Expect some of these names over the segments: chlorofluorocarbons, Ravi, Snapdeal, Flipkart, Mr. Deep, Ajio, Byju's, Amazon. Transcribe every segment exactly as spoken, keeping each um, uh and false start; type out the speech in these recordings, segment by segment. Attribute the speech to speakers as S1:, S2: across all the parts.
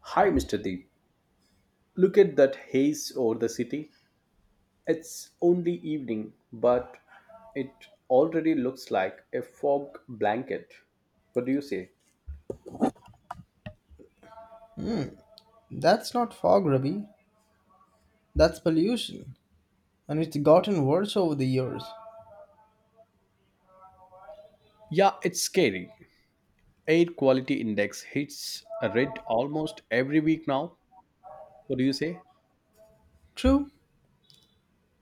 S1: Hi, mister Deep. Look at that haze over the city. It's only evening, but it already looks like a fog blanket. What do you say?
S2: That's not fog, Ravi. That's pollution. And it's gotten worse over the years.
S1: Yeah, it's scary. Air quality index hits a red almost every week now. What do you say?
S2: True.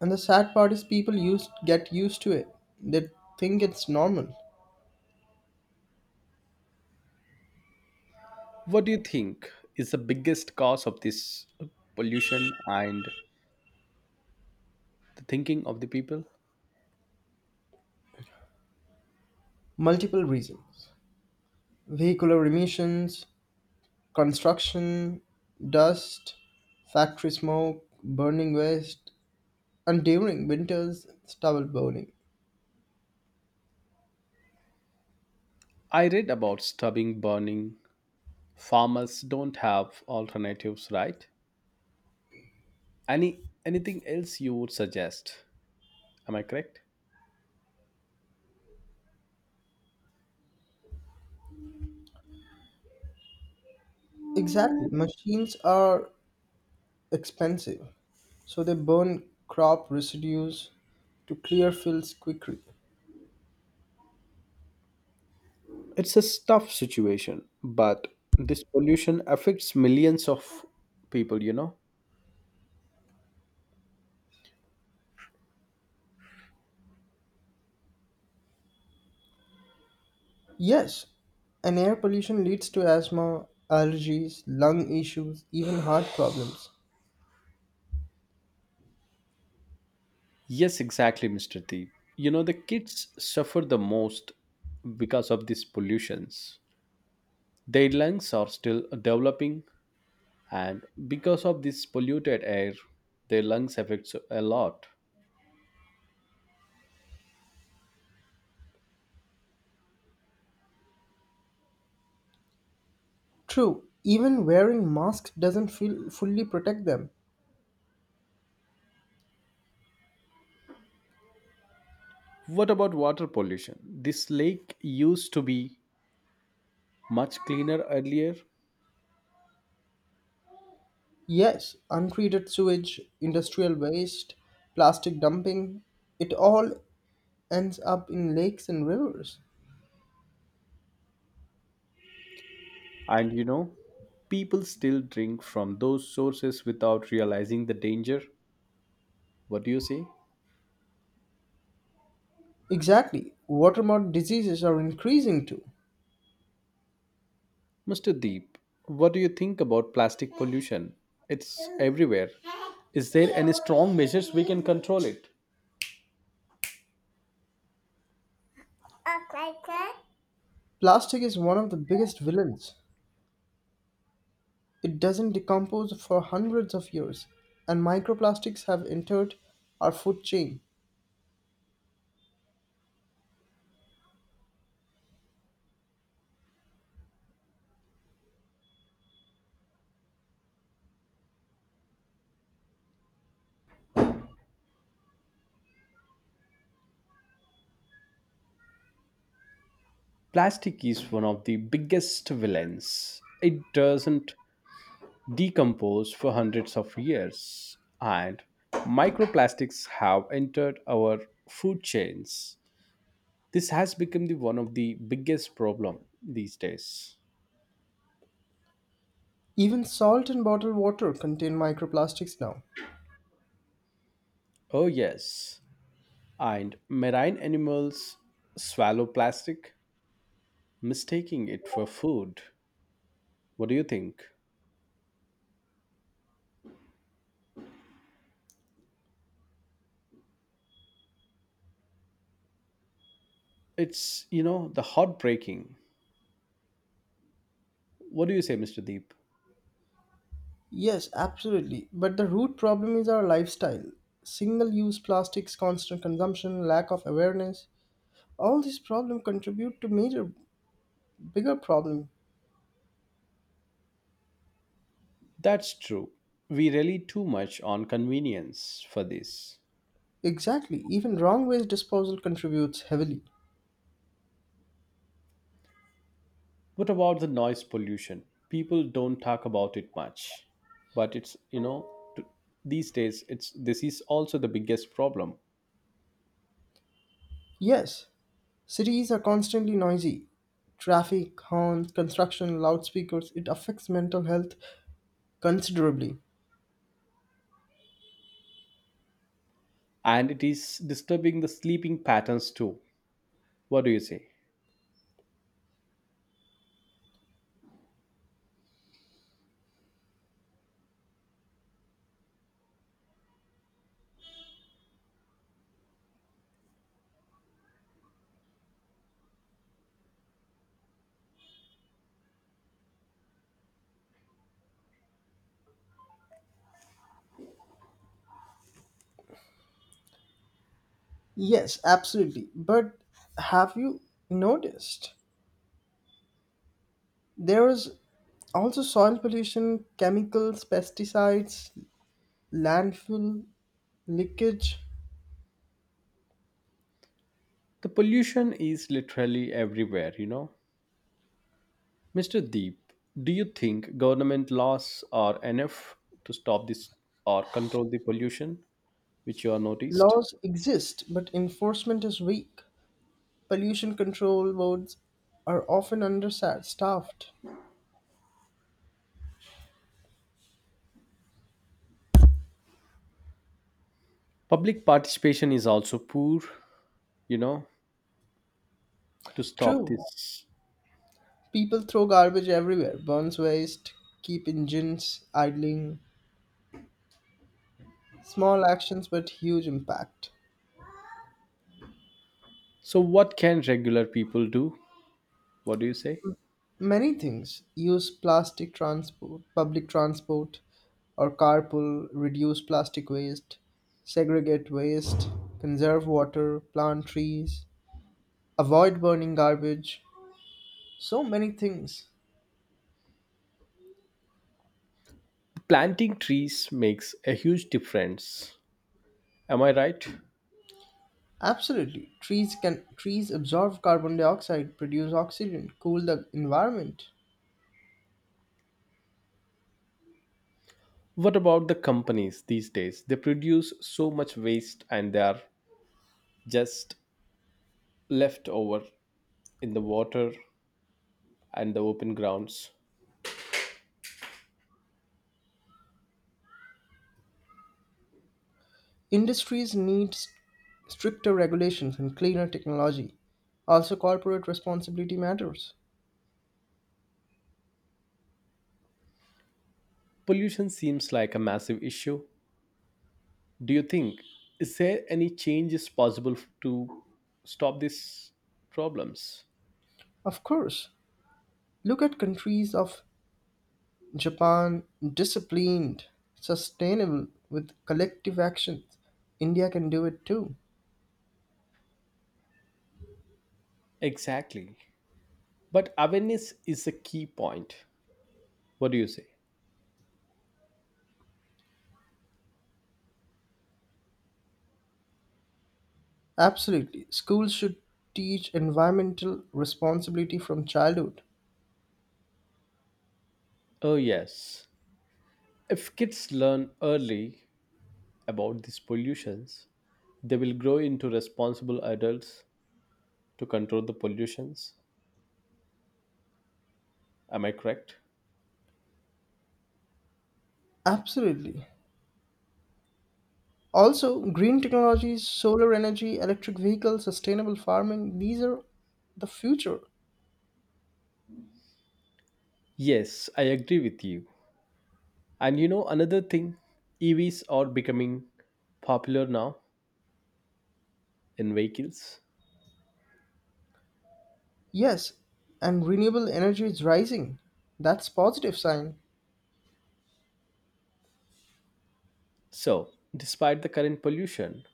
S2: And the sad part is people used get used to it. They think it's normal.
S1: What do you think is the biggest cause of this pollution and the thinking of the people?
S2: Multiple reasons. Vehicular emissions, construction, dust, factory smoke, burning waste, and during winters, stubble burning.
S1: I read about stubbing burning. Farmers don't have alternatives, right? Any anything else you would suggest? Am I correct?
S2: Exactly. Machines are expensive, so they burn crop residues to clear fields quickly.
S1: It's a tough situation, but this pollution affects millions of people, you know?
S2: Yes, and air pollution leads to asthma, allergies, lung issues, even heart problems.
S1: Yes, exactly, mister T. You know, the kids suffer the most because of these pollutions. Their lungs are still developing, and because of this polluted air, their lungs affects a lot.
S2: True, even wearing masks doesn't feel fully protect them.
S1: What about water pollution? This lake used to be much cleaner earlier.
S2: Yes, untreated sewage, industrial waste, plastic dumping, it all ends up in lakes and rivers.
S1: And you know, people still drink from those sources without realizing the danger. What do you say?
S2: Exactly, waterborne diseases are increasing too.
S1: mister Deep, what do you think about plastic pollution? It's everywhere. Is there any strong measures we can control it?
S2: Plastic is one of the biggest villains. It doesn't decompose for hundreds of years, and microplastics have entered our food chain.
S1: Plastic is one of the biggest villains. It doesn't decompose for hundreds of years, and microplastics have entered our food chains. This has become the one of the biggest problem these days.
S2: Even salt and bottled water contain microplastics now.
S1: Oh yes, and marine animals swallow plastic, mistaking it for food. What do you think? It's, you know, the heartbreaking. What do you say, mister Deep?
S2: Yes, absolutely. But the root problem is our lifestyle. Single use plastics, constant consumption, lack of awareness. All these problems contribute to major, bigger problem.
S1: That's true. We rely too much on convenience for this.
S2: Exactly. Even wrong waste disposal contributes heavily.
S1: What about the noise pollution? People don't talk about it much, but it's, you know, t- these days it's this is also the biggest problem,
S2: Yes, cities are constantly noisy. Traffic, horns, construction, loudspeakers, it affects mental health considerably.
S1: and it is disturbing the sleeping patterns too. What do you say?
S2: Yes, absolutely. But have you noticed? There is also soil pollution, chemicals, pesticides, landfill, leakage.
S1: The pollution is literally everywhere, you know. mister Deep, do you think government laws are enough to stop this or control the pollution which you are noticed?
S2: Laws exist, but enforcement is weak. Pollution control boards are often understaffed.
S1: Public participation is also poor, you know, to stop
S2: True,
S1: this.
S2: people throw garbage everywhere, burns waste, keep engines idling. Small actions but huge impact.
S1: So what can regular people do? What do you say?
S2: Many things use plastic transport, public transport, or carpool, reduce plastic waste, segregate waste, conserve water, plant trees, avoid burning garbage. So many things.
S1: Planting trees makes a huge difference. Am I right?
S2: Absolutely. Trees can trees absorb carbon dioxide, produce oxygen, cool the environment.
S1: What about the companies these days? They produce so much waste, and they are just left over in the water and the open grounds.
S2: Industries need s- stricter regulations and cleaner technology. Also, corporate responsibility matters.
S1: Pollution seems like a massive issue. Do you think is there any changes possible to stop these problems?
S2: Of course, look at countries of Japan, disciplined, sustainable with collective actions. India can do it too.
S1: Exactly. But awareness is a key point. What do you say?
S2: Absolutely. Schools should teach environmental responsibility from childhood.
S1: Oh, yes. If kids learn early about these pollutions, they will grow into responsible adults to control the pollutions. Am I correct?
S2: Absolutely. Also, green technologies, solar energy, electric vehicles, sustainable farming, these are the future.
S1: Yes, I agree with you. And you know, another thing, E Vs are becoming popular now in vehicles.
S2: Yes, and renewable energy is rising. That's positive sign.
S1: So, despite the current pollution,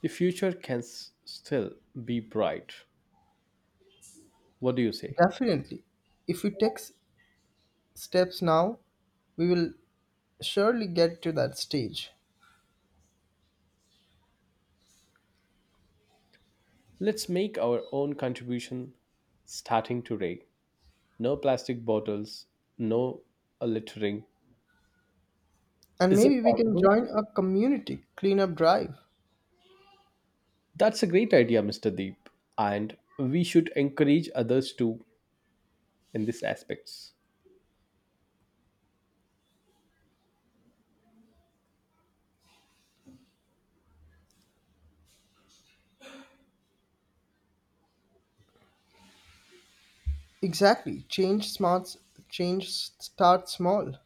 S1: the future can s- still be bright. What do you say?
S2: Definitely. If we take s- steps now, we will surely get to that stage.
S1: Let's make our own contribution starting today. No plastic bottles, no uh, littering.
S2: And
S1: Is it
S2: maybe we can
S1: possible?
S2: join a community cleanup drive.
S1: That's a great idea, mister Deep. And we should encourage others to in these aspects.
S2: Exactly. Change smarts change s- start small.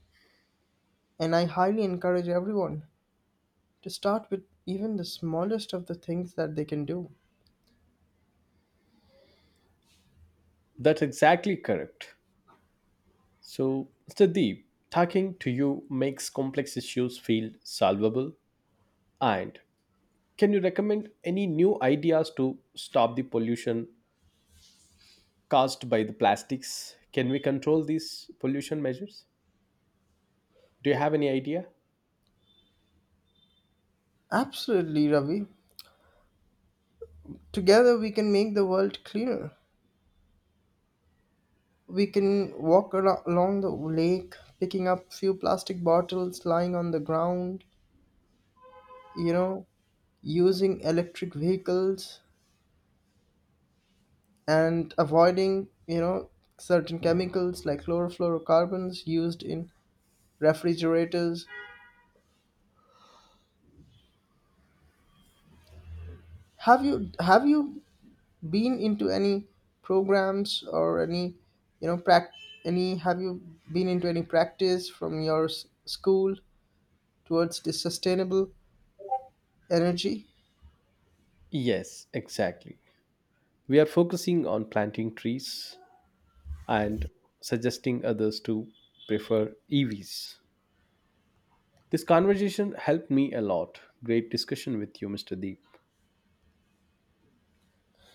S2: And I highly encourage everyone to start with even the smallest of the things that they can do.
S1: That's exactly correct. So, mister Deep, talking to you makes complex issues feel solvable. And can you recommend any new ideas to stop the pollution caused by the plastics? Can we control these pollution measures? Do you have any idea?
S2: Absolutely, Ravi. Together we can make the world cleaner. We can walk ar- along the lake, picking up few plastic bottles lying on the ground, you know, using electric vehicles and avoiding, you know, certain chemicals like chlorofluorocarbons used in refrigerators. Have you have you been into any programs or any, you know, prac any have you been into any practice from your s- school towards this sustainable energy?
S1: Yes, exactly. We are focusing on planting trees and suggesting others to prefer E Vs. This conversation helped me a lot. Great discussion with you, mister Deep.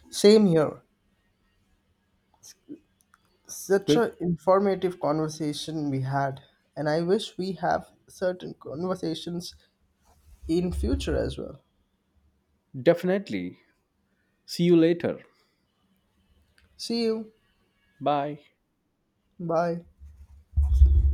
S2: Same here. Such
S1: Well,
S2: an informative conversation we had, and I wish we have certain conversations in future as well.
S1: definitely. See you later.
S2: See you.
S1: Bye.
S2: Bye.